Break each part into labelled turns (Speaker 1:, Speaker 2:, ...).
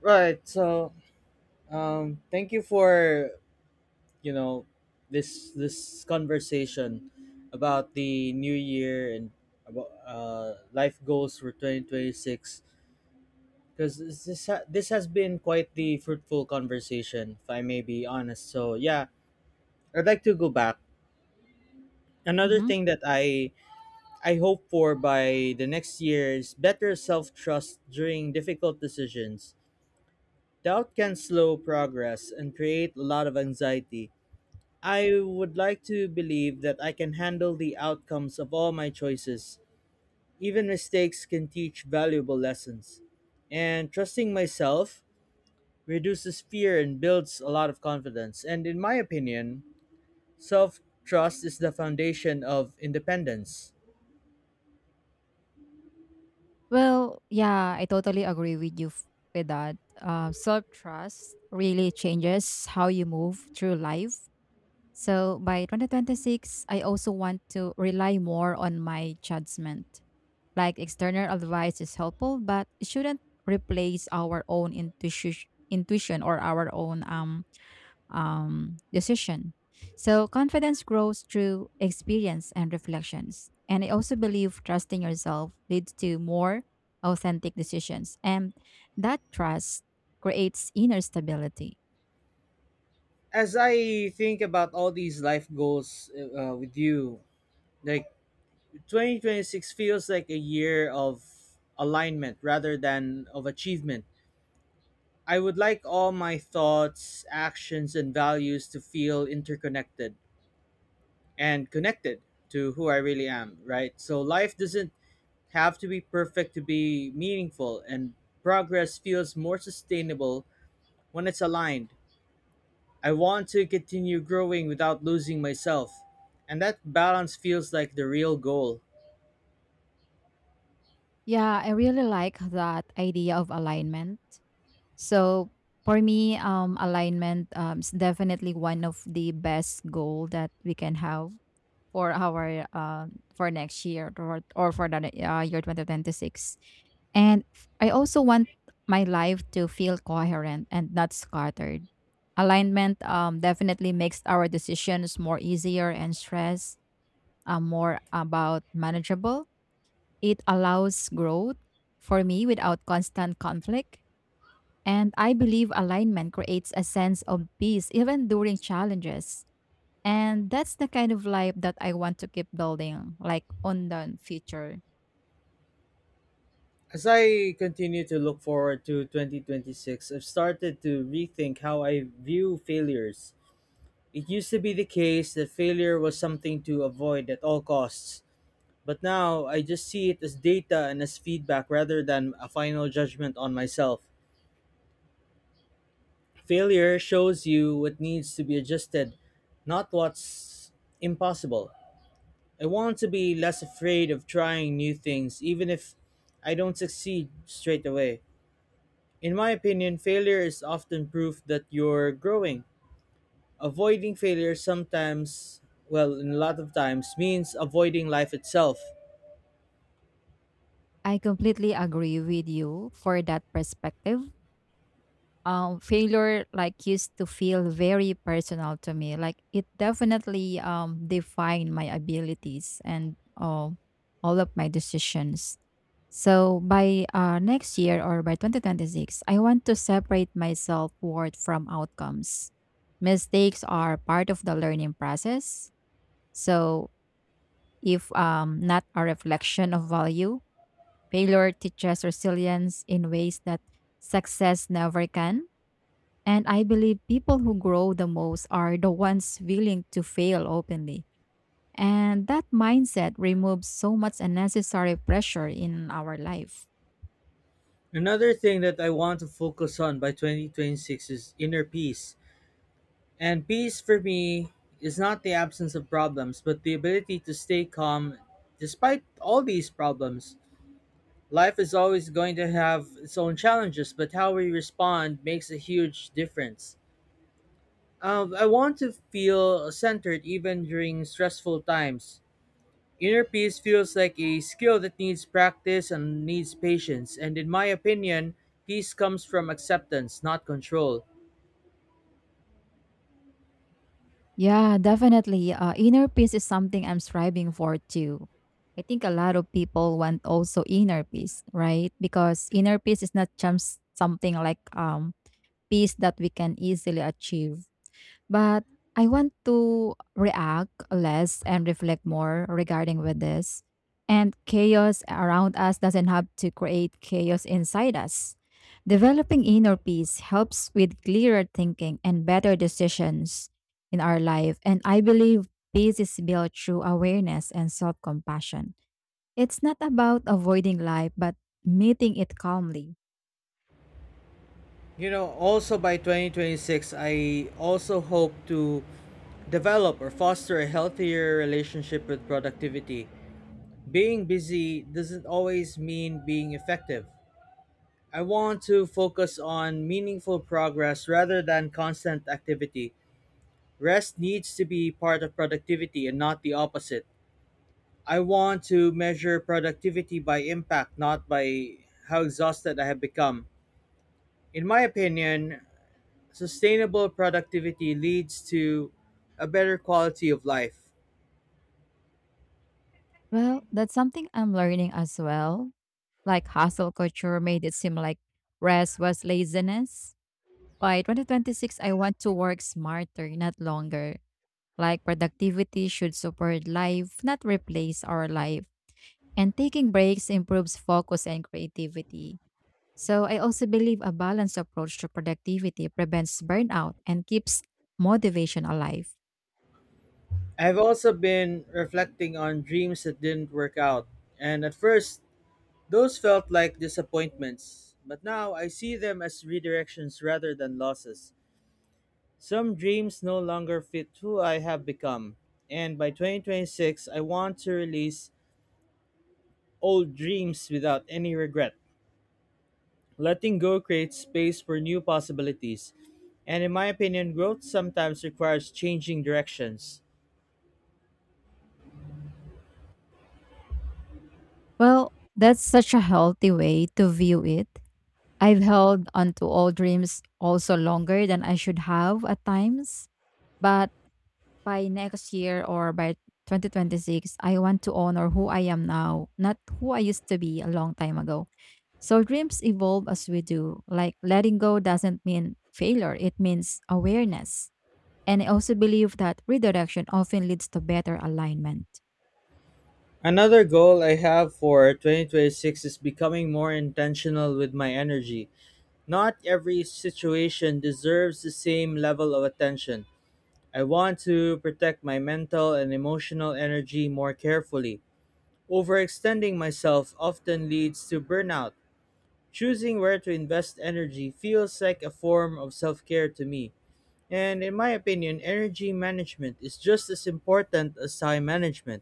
Speaker 1: Right. So, thank you for you know this conversation about the new year and about life goals for 2026. Because this has been quite the fruitful conversation, if I may be honest. So yeah, I'd like to go back. Another
Speaker 2: Mhm.
Speaker 1: thing that I hope for by the next year is better self trust during difficult decisions. Doubt can slow progress and create a lot of anxiety. I would like to believe that I can handle the outcomes of all my choices. Even mistakes can teach valuable lessons. And trusting myself reduces fear and builds a lot of confidence. And in my opinion, self trust is the foundation of independence.
Speaker 2: Well, yeah, I totally agree with you with that. Self trust really changes how you move through life. So by 2026, I also want to rely more on my judgment. Like external advice is helpful, but it shouldn't replace our own intuition or our own decision. So confidence grows through experience and reflections. And I also believe trusting yourself leads to more authentic decisions. And that trust creates inner stability.
Speaker 1: As I think about all these life goals with you, like, 2026 feels like a year of alignment rather than of achievement. I would like all my thoughts, actions, and values to feel interconnected and connected to who I really am, right? So life doesn't have to be perfect to be meaningful, and progress feels more sustainable when it's aligned. I want to continue growing without losing myself, and that balance feels like the real goal.
Speaker 2: Yeah, I really like that idea of alignment. So for me, alignment is definitely one of the best goal that we can have for our for next year or for the year 2026. And I also want my life to feel coherent and not scattered. Alignment definitely makes our decisions more easier and stress more about manageable. It allows growth for me without constant conflict, and I believe alignment creates a sense of peace even during challenges. And that's the kind of life that I want to keep building, like on the future.
Speaker 1: As I continue to look forward to 2026, I've started to rethink how I view failures. It used to be the case that failure was something to avoid at all costs, but now I just see it as data and as feedback rather than a final judgment on myself. Failure shows you what needs to be adjusted, not what's impossible. I want to be less afraid of trying new things, even if I don't succeed straight away. In my opinion, failure is often proof that you're growing. Avoiding failure sometimes, well, in a lot of times, means avoiding life itself.
Speaker 2: I completely agree with you for that perspective. Failure like used to feel very personal to me. Like it definitely defined my abilities and all of my decisions. So by next year or by 2026, I want to separate my self worth from outcomes. Mistakes are part of the learning process. So if not a reflection of value, failure teaches resilience in ways that success never can. And I believe people who grow the most are the ones willing to fail openly. And that mindset removes so much unnecessary pressure in our life.
Speaker 1: Another thing that I want to focus on by 2026 is inner peace. And peace for me is not the absence of problems, but the ability to stay calm despite all these problems. Life is always going to have its own challenges, but how we respond makes a huge difference. I want to feel centered even during stressful times. Inner peace feels like a skill that needs practice and needs patience, and in my opinion, peace comes from acceptance, not control.
Speaker 2: Yeah, definitely. Inner peace is something I'm striving for too. I think a lot of people want also inner peace, right? Because inner peace is not just something like peace that we can easily achieve. But I want to react less and reflect more regarding with this. And chaos around us doesn't have to create chaos inside us. Developing inner peace helps with clearer thinking and better decisions in our life. And I believe peace is built through awareness and self compassion. It's not about avoiding life, but meeting it calmly.
Speaker 1: You know, also by 2026, I also hope to develop or foster a healthier relationship with productivity. Being busy doesn't always mean being effective. I want to focus on meaningful progress rather than constant activity. Rest needs to be part of productivity and not the opposite. I want to measure productivity by impact, not by how exhausted I have become. In my opinion, sustainable productivity leads to a better quality of life.
Speaker 2: Well, that's something I'm learning as well. Like hustle culture made it seem like rest was laziness. By 2026, I want to work smarter, not longer. Like productivity should support life, not replace our life. And taking breaks improves focus and creativity. So I also believe a balanced approach to productivity prevents burnout and keeps motivation alive.
Speaker 1: I have also been reflecting on dreams that didn't work out, and at first, those felt like disappointments, but now I see them as redirections rather than losses. Some dreams no longer fit who I have become, and by 2026, I want to release old dreams without any regret. Letting go creates space for new possibilities. And in my opinion, growth sometimes requires changing directions.
Speaker 2: Well, that's such a healthy way to view it. I've held onto old dreams also longer than I should have at times, but by next year or by 2026, I want to honor who I am now, not who I used to be a long time ago. So dreams evolve as we do. Like letting go doesn't mean failure, it means awareness. And I also believe that redirection often leads to better alignment.
Speaker 1: Another goal I have for 2026 is becoming more intentional with my energy. Not every situation deserves the same level of attention. I want to protect my mental and emotional energy more carefully. Overextending myself often leads to burnout. Choosing where to invest energy feels like a form of self care to me. And in my opinion, energy management is just as important as time management.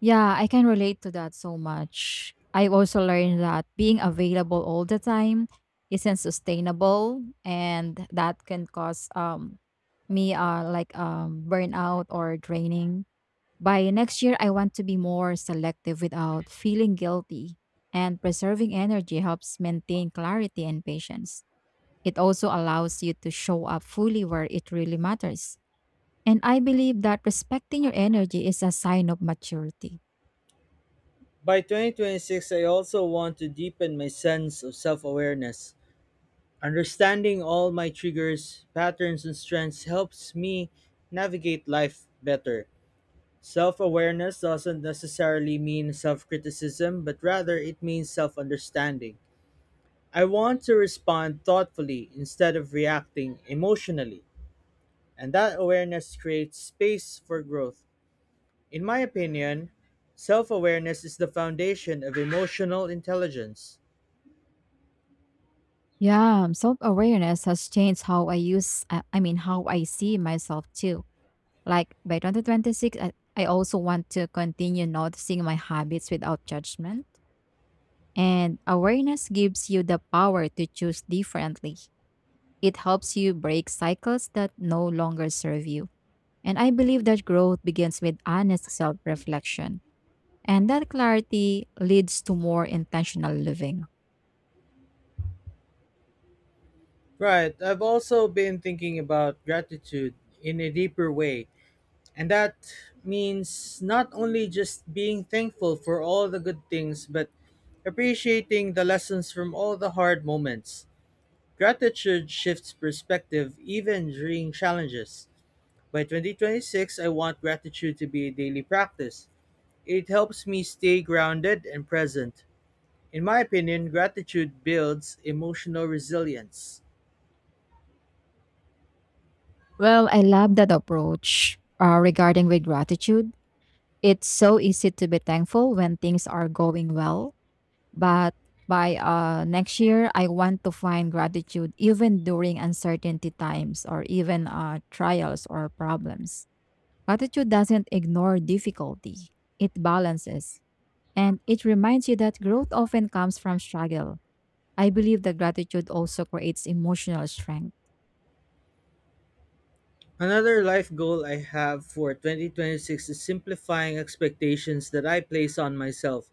Speaker 2: Yeah, I can relate to that so much. I also learned that being available all the time isn't sustainable and that can cause me like burnout or draining. By next year I want to be more selective without feeling guilty, and preserving energy helps maintain clarity and patience. It also allows you to show up fully where it really matters. And I believe that respecting your energy is a sign of maturity.
Speaker 1: By 2026, I also want to deepen my sense of self awareness. Understanding all my triggers, patterns, and strengths helps me navigate life better. Self awareness doesn't necessarily mean self criticism, but rather it means self understanding. I want to respond thoughtfully instead of reacting emotionally, and that awareness creates space for growth. In my opinion, self awareness is the foundation of emotional intelligence.
Speaker 2: Yeah, self awareness has changed how I how I see myself too. Like by 2026, I also want to continue noticing my habits without judgment. And awareness gives you the power to choose differently. It helps you break cycles that no longer serve you. And I believe that growth begins with honest self reflection. And that clarity leads to more intentional living.
Speaker 1: Right, I've also been thinking about gratitude in a deeper way, and that means not only just being thankful for all the good things, but appreciating the lessons from all the hard moments. Gratitude shifts perspective even during challenges. By 2026, I want gratitude to be a daily practice. It helps me stay grounded and present. In my opinion, gratitude builds emotional resilience.
Speaker 2: Well, I love that approach regarding with gratitude. It's so easy to be thankful when things are going well, but by next year, I want to find gratitude even during uncertainty times or even trials or problems. Gratitude doesn't ignore difficulty, it balances. And it reminds you that growth often comes from struggle. I believe that gratitude also creates emotional strength.
Speaker 1: Another life goal I have for 2026 is simplifying expectations that I place on myself.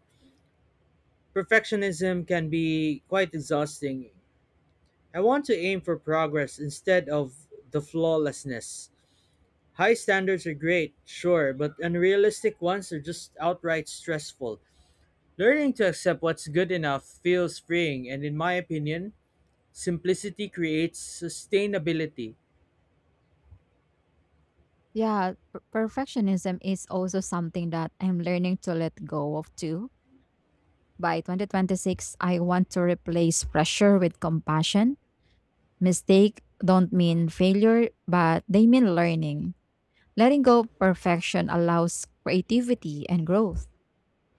Speaker 1: Perfectionism can be quite exhausting. I want to aim for progress instead of the flawlessness. High standards are great, sure, but unrealistic ones are just outright stressful. Learning to accept what's good enough feels freeing, and in my opinion, simplicity creates sustainability.
Speaker 2: Perfectionism is also something that I'm learning to let go of too. By 2026, I want to replace pressure with compassion. Mistake don't mean failure, but they mean learning. Letting go perfection allows creativity and growth.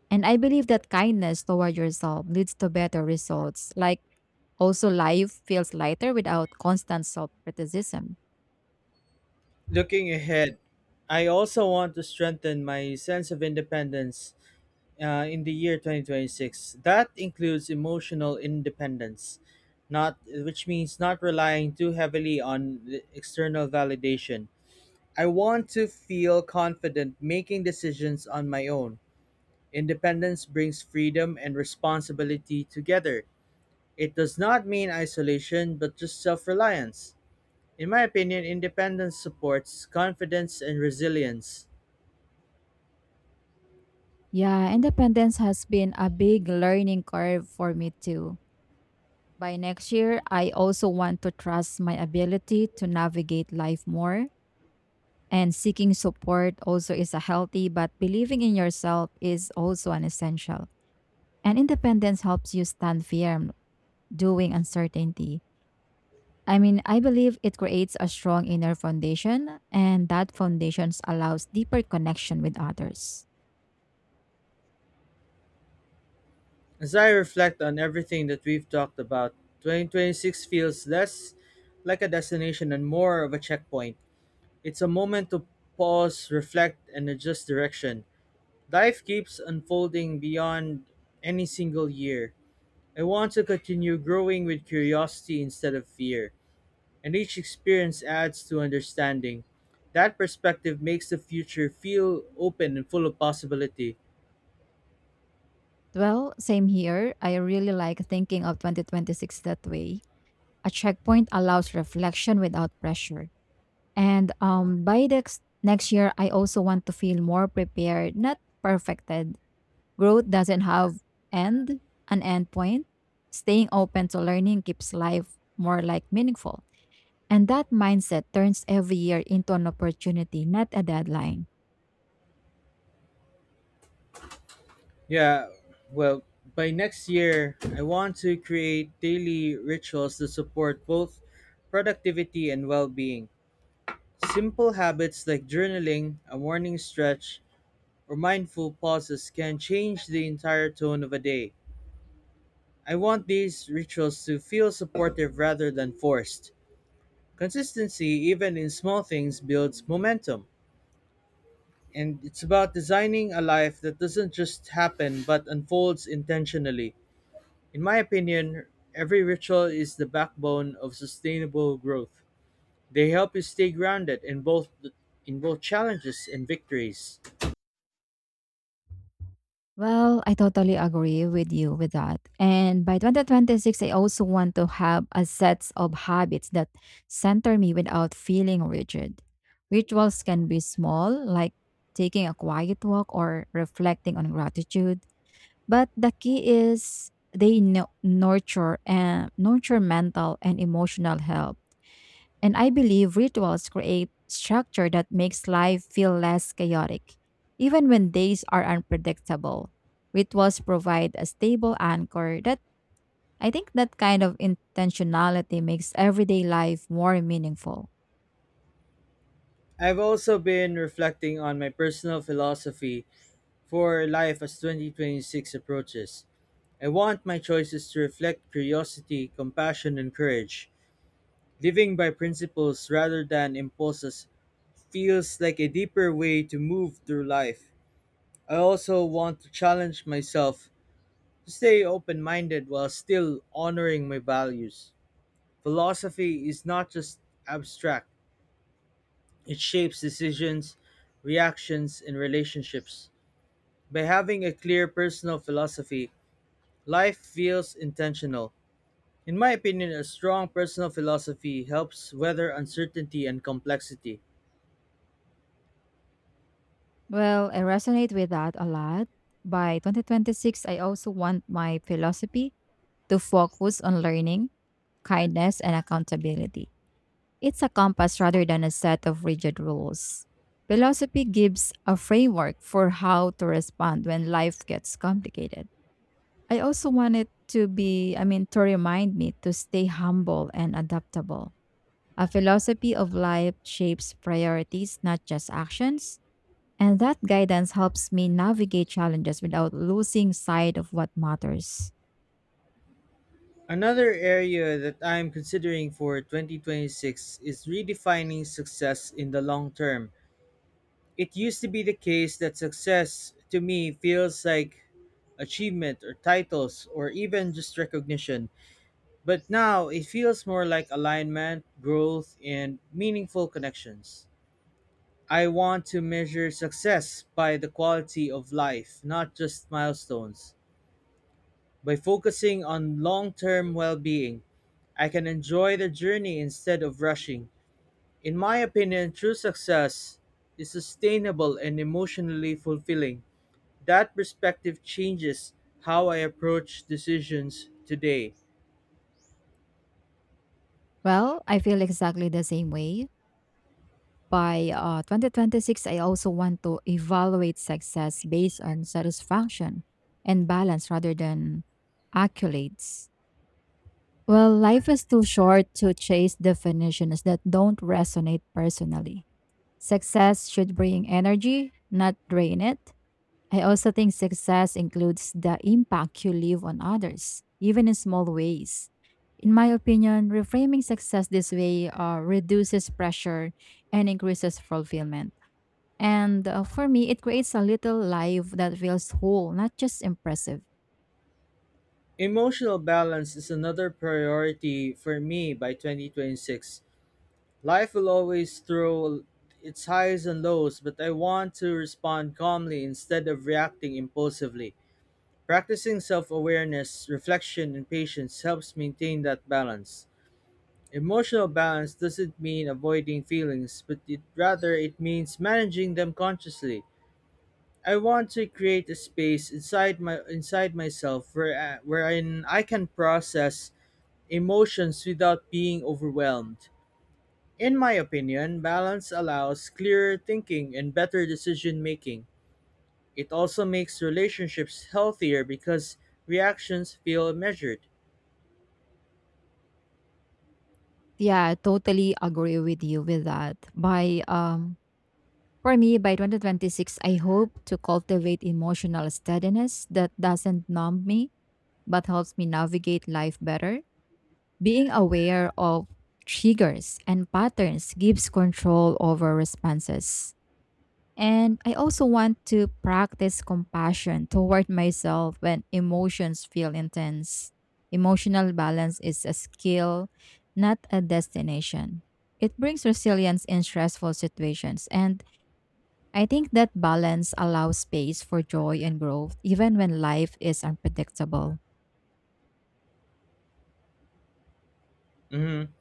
Speaker 2: And I believe that kindness toward yourself leads to better results. Like also life feels lighter without constant self-criticism.
Speaker 1: Looking ahead, I also want to strengthen my sense of independence in the year 2026. That includes emotional independence, not which means not relying too heavily on the external validation. I want to feel confident making decisions on my own. Independence brings freedom and responsibility together. It does not mean isolation, but just self reliance. In my opinion, independence supports confidence and resilience.
Speaker 2: Yeah, independence has been a big learning curve for me too. By next year, I also want to trust my ability to navigate life more. And seeking support also is a healthy, but believing in yourself is also an essential. And independence helps you stand firm doing uncertainty. I mean, I believe it creates a strong inner foundation, and that foundation allows deeper connection with others.
Speaker 1: As I reflect on everything that we've talked about, 2026 feels less like a destination and more of a checkpoint. It's a moment to pause, reflect, and adjust direction. Life keeps unfolding beyond any single year. I want to continue growing with curiosity instead of fear, and each experience adds to understanding. That perspective makes the future feel open and full of possibility.
Speaker 2: Well, same here. I really like thinking of 2026 that way. A checkpoint allows reflection without pressure. And by the next year, I also want to feel more prepared, not perfected. Growth doesn't have end, an end point. Staying open to learning keeps life more like meaningful. And that mindset turns every year into an opportunity, not a deadline.
Speaker 1: Yeah, well, by next year, I want to create daily rituals that support both productivity and well being. Simple habits like journaling, a morning stretch, or mindful pauses can change the entire tone of a day. I want these rituals to feel supportive rather than forced. Consistency, even in small things, builds momentum. And it's about designing a life that doesn't just happen but unfolds intentionally. In my opinion, every ritual is the backbone of sustainable growth. They help you stay grounded in both challenges and victories.
Speaker 2: Well, I totally agree with you with that. And by 2026, I also want to have a set of habits that center me without feeling rigid. Rituals can be small, like taking a quiet walk or reflecting on gratitude. But the key is they nurture mental and emotional health. And I believe rituals create structure that makes life feel less chaotic. Even when days are unpredictable, rituals provide a stable anchor that I think that kind of intentionality makes everyday life more meaningful.
Speaker 1: I've also been reflecting on my personal philosophy for life as 2026 approaches. I want my choices to reflect curiosity, compassion, and courage. Living by principles rather than impulses feels like a deeper way to move through life. I also want to challenge myself to stay open minded while still honoring my values. Philosophy is not just abstract, it shapes decisions, reactions, and relationships. By having a clear personal philosophy, life feels intentional. In my opinion, a strong personal philosophy helps weather uncertainty and complexity.
Speaker 2: Well, I resonate with that a lot. By 2026, I also want my philosophy to focus on learning, kindness, and accountability. It's a compass rather than a set of rigid rules. Philosophy gives a framework for how to respond when life gets complicated. I also want it to be, I mean, to remind me to stay humble and adaptable. A philosophy of life shapes priorities, not just actions. And that guidance helps me navigate challenges without losing sight of what matters.
Speaker 1: Another area that I am considering for 2026 is redefining success in the long term. It used to be the case that success to me feels like achievement or titles or even just recognition, but now it feels more like alignment, growth, and meaningful connections. I want to measure success by the quality of life, not just milestones. By focusing on long term well being, I can enjoy the journey instead of rushing. In my opinion, true success is sustainable and emotionally fulfilling. That perspective changes how I approach decisions today.
Speaker 2: Well, I feel exactly the same way. By 2026, I also want to evaluate success based on satisfaction and balance rather than accolades. Well, life is too short to chase definitions that don't resonate personally. Success should bring energy, not drain it. I also think success includes the impact you leave on others, even in small ways. In my opinion, reframing success this way reduces pressure and increases fulfillment. And for me, it creates a little life that feels whole, not just impressive.
Speaker 1: Emotional balance is another priority for me by 2026. Life will always throw its highs and lows, but I want to respond calmly instead of reacting impulsively. Practicing self awareness, reflection, and patience helps maintain that balance. Emotional balance doesn't mean avoiding feelings, but it, rather it means managing them consciously. I want to create a space inside myself where I- wherein I can process emotions without being overwhelmed. In my opinion, balance allows clearer thinking and better decision making. It also makes relationships healthier because reactions feel measured.
Speaker 2: Yeah, I totally agree with you with that. By for me, by 2026, I hope to cultivate emotional steadiness that doesn't numb me but helps me navigate life better. Being aware of triggers and patterns gives control over responses. And I also want to practice compassion toward myself when emotions feel intense. Emotional balance is a skill, not a destination. It brings resilience in stressful situations. And I think that balance allows space for joy and growth, even when life is unpredictable.
Speaker 1: Mhm.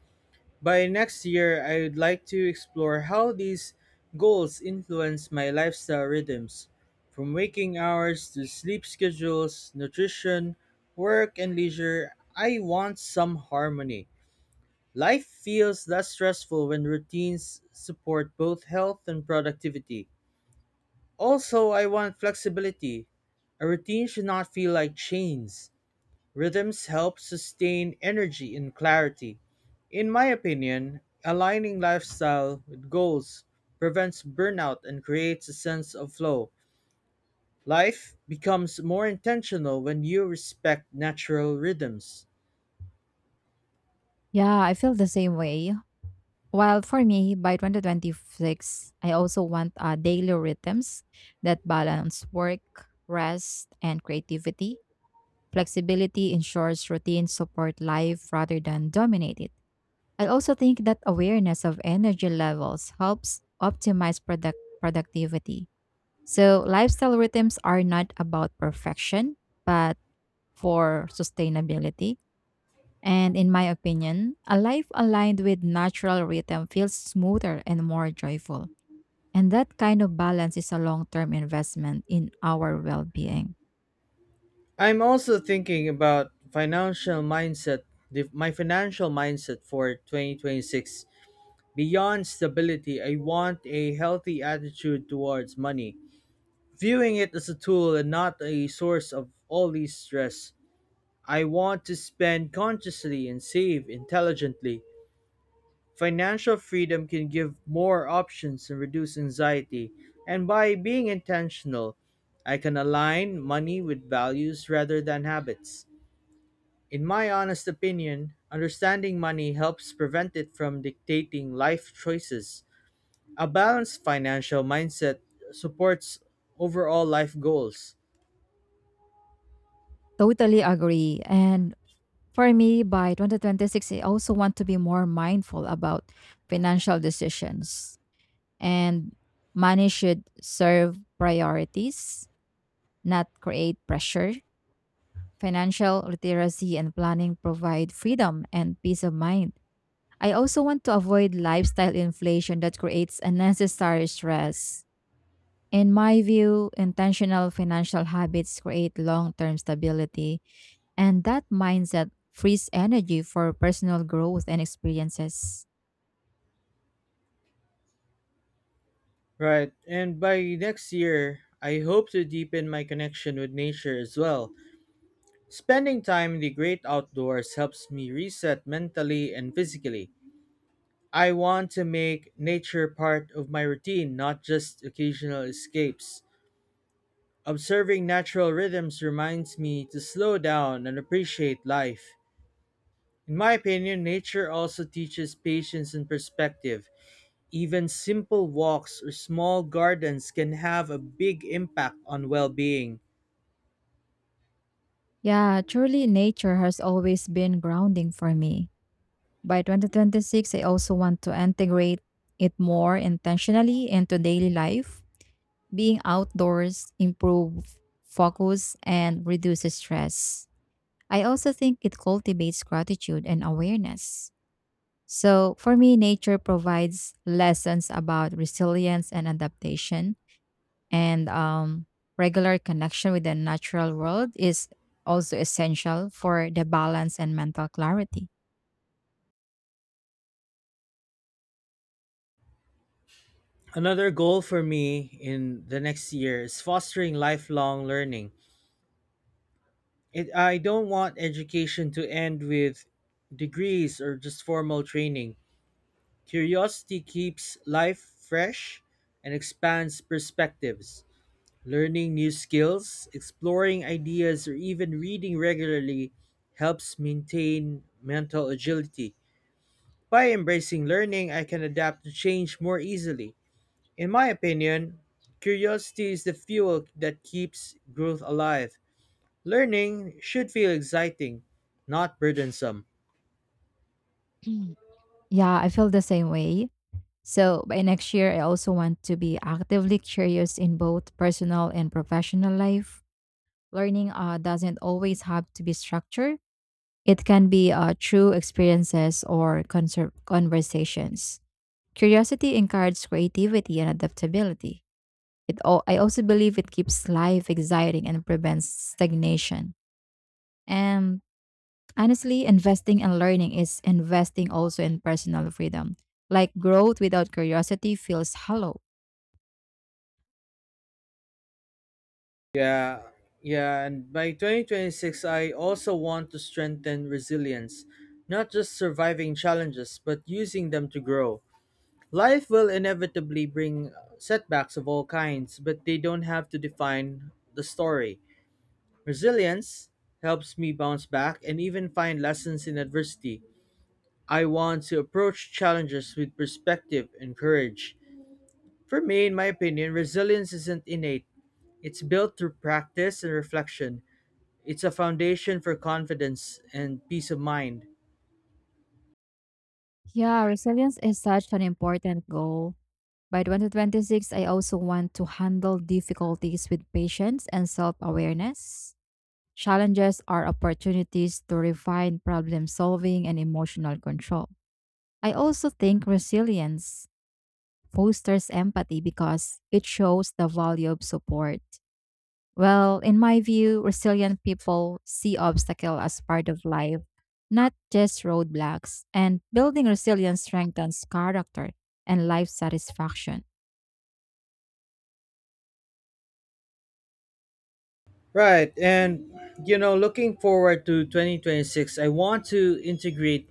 Speaker 1: By next year, I would like to explore how these goals influence my lifestyle rhythms, from waking hours to sleep schedules, nutrition, work, and leisure. I want some harmony. Life feels less stressful when routines support both health and productivity. Also, I want flexibility. A routine should not feel like chains. Rhythms help sustain energy and clarity. In my opinion, aligning lifestyle with goals prevents burnout and creates a sense of flow. Life becomes more intentional when you respect natural rhythms.
Speaker 2: Yeah, I feel the same way. While for me, by 2026, I also want daily rhythms that balance work, rest, and creativity. Flexibility ensures routines support life rather than dominate it. I also think that awareness of energy levels helps optimize productivity. So, lifestyle rhythms are not about perfection, but for sustainability. And in my opinion, a life aligned with natural rhythm feels smoother and more joyful. And that kind of balance is a long term investment in our well being.
Speaker 1: I'm also thinking about financial mindset, my financial mindset for 2026. Beyond stability, I want a healthy attitude towards money, viewing it as a tool and not a source of all these stress. I want to spend consciously and save intelligently. Financial freedom can give more options and reduce anxiety, and by being intentional, I can align money with values rather than habits. In my honest opinion, understanding money helps prevent it from dictating life choices. A balanced financial mindset supports overall life goals.
Speaker 2: Totally agree. And for me, by 2026, I also want to be more mindful about financial decisions. And money should serve priorities, not create pressure. Financial literacy and planning provide freedom and peace of mind. I also want to avoid lifestyle inflation that creates unnecessary stress. In my view, intentional financial habits create long term stability, and that mindset frees energy for personal growth and experiences.
Speaker 1: Right. And by next year, I hope to deepen my connection with nature as well. Spending time in the great outdoors helps me reset mentally and physically. I want to make nature part of my routine, not just occasional escapes. Observing natural rhythms reminds me to slow down and appreciate life. In my opinion, nature also teaches patience and perspective. Even simple walks or small gardens can have a big impact on well being.
Speaker 2: Yeah, truly, nature has always been grounding for me. By 2026, I also want to integrate it more intentionally into daily life. Being outdoors improve focus and reduces stress. I also think it cultivates gratitude and awareness. So, for me, nature provides lessons about resilience and adaptation, and regular connection with the natural world is also essential for the balance and mental clarity.
Speaker 1: Another goal for me in the next year is fostering lifelong learning. It, I don't want education to end with degrees or just formal training. Curiosity keeps life fresh and expands perspectives. Learning new skills, exploring ideas, or even reading regularly helps maintain mental agility. By embracing learning, I can adapt to change more easily. In my opinion, curiosity is the fuel that keeps growth alive. Learning should feel exciting, not burdensome.
Speaker 2: Mm. Yeah, I feel the same way. So, by next year, I also want to be actively curious in both personal and professional life. Learning doesn't always have to be structured. It can be through experiences or conversations. Curiosity encourages creativity and adaptability. I also believe it keeps life exciting and prevents stagnation. And honestly, investing in learning is investing also in personal freedom. Like growth without curiosity feels hollow.
Speaker 1: Yeah, yeah, and by 2026, I also want to strengthen resilience, not just surviving challenges, but using them to grow. Life will inevitably bring setbacks of all kinds, but they don't have to define the story. Resilience helps me bounce back and even find lessons in adversity. I want to approach challenges with perspective and courage. For me, in my opinion, resilience isn't innate, it's built through practice and reflection. It's a foundation for confidence and peace of mind.
Speaker 2: Yeah, resilience is such an important goal. By 2026, I also want to handle difficulties with patience and self awareness. Challenges are opportunities to refine problem solving and emotional control. I also think resilience fosters empathy because it shows the value of support. Well, in my view, resilient people see obstacle as part of life, not just roadblocks, and building resilience strengthens character and life satisfaction.
Speaker 1: Right, and you know, looking forward to 2026, I want to integrate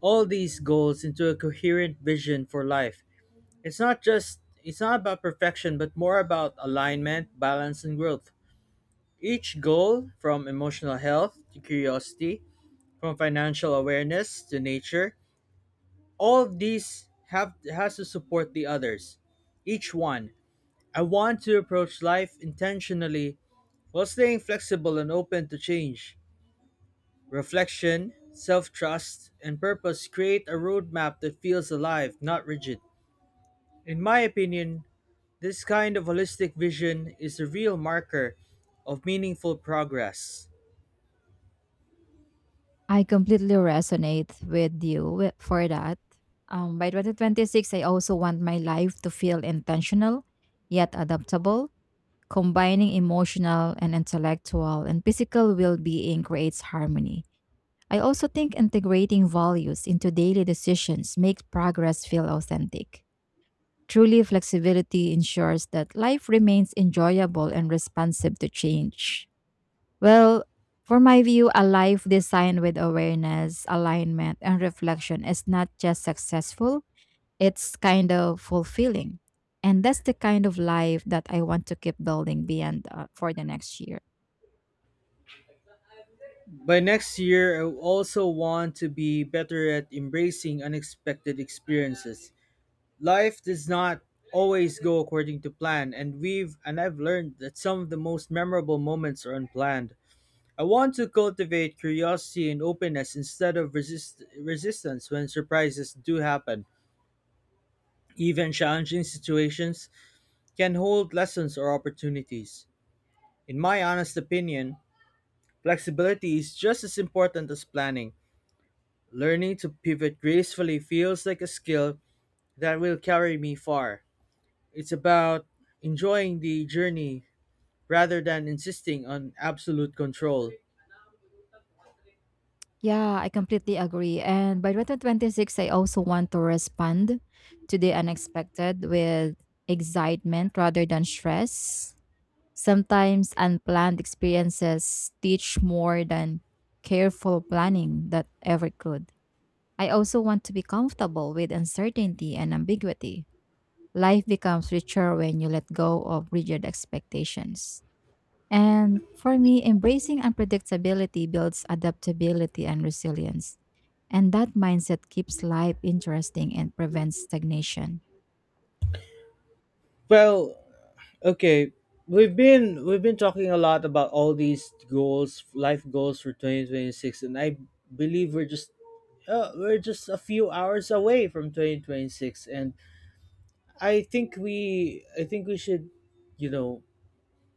Speaker 1: all these goals into a coherent vision for life. It's not about perfection, but more about alignment, balance, and growth. Each goal, from emotional health to curiosity, from financial awareness to nature, all of these have has to support the others. Each one. I want to approach life intentionally while staying flexible and open to change. Reflection, self-trust, and purpose create a roadmap that feels alive, not rigid. In my opinion, this kind of holistic vision is a real marker of meaningful progress.
Speaker 2: I completely resonate with you for that. By 2026, I also want my life to feel intentional yet adaptable. Combining emotional and intellectual and physical well being creates harmony. I also think integrating values into daily decisions makes progress feel authentic. Truly, flexibility ensures that life remains enjoyable and responsive to change. Well, for my view, a life designed with awareness, alignment, and reflection is not just successful, it's kind of fulfilling. And that's the kind of life that I want to keep building beyond for the next year.
Speaker 1: By next year, I also want to be better at embracing unexpected experiences. Life does not always go according to plan, and we've and I've learned that some of the most memorable moments are unplanned. I want to cultivate curiosity and openness instead of resistance when surprises do happen. Even challenging situations can hold lessons or opportunities. In my honest opinion, flexibility is just as important as planning. Learning to pivot gracefully feels like a skill that will carry me far. It's about enjoying the journey rather than insisting on absolute control.
Speaker 2: Yeah, I completely agree. And by 2026, I also want to respond to the unexpected with excitement rather than stress. Sometimes unplanned experiences teach more than careful planning that ever could. I also want to be comfortable with uncertainty and ambiguity. Life becomes richer when you let go of rigid expectations. And for me, embracing unpredictability builds adaptability and resilience. And that mindset keeps life interesting and prevents stagnation.
Speaker 1: Well, okay, we've been talking a lot about all these goals, life goals for 2026, and I believe we're just a few hours away from 2026, and I think we should, you know,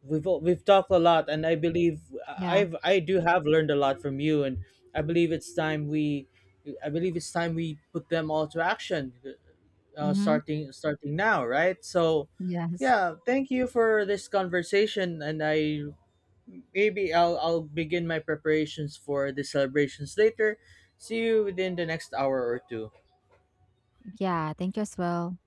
Speaker 1: we've talked a lot, and I believe
Speaker 2: Yeah.
Speaker 1: I do have learned a lot from you, and I believe it's time we I believe it's time we put them all to action,
Speaker 2: Mm-hmm.
Speaker 1: starting now, right? So
Speaker 2: Yes.
Speaker 1: yeah, thank you for this conversation, and I maybe I'll begin my preparations for the celebrations later. See you within the next hour or two.
Speaker 2: Yeah, thank you as well.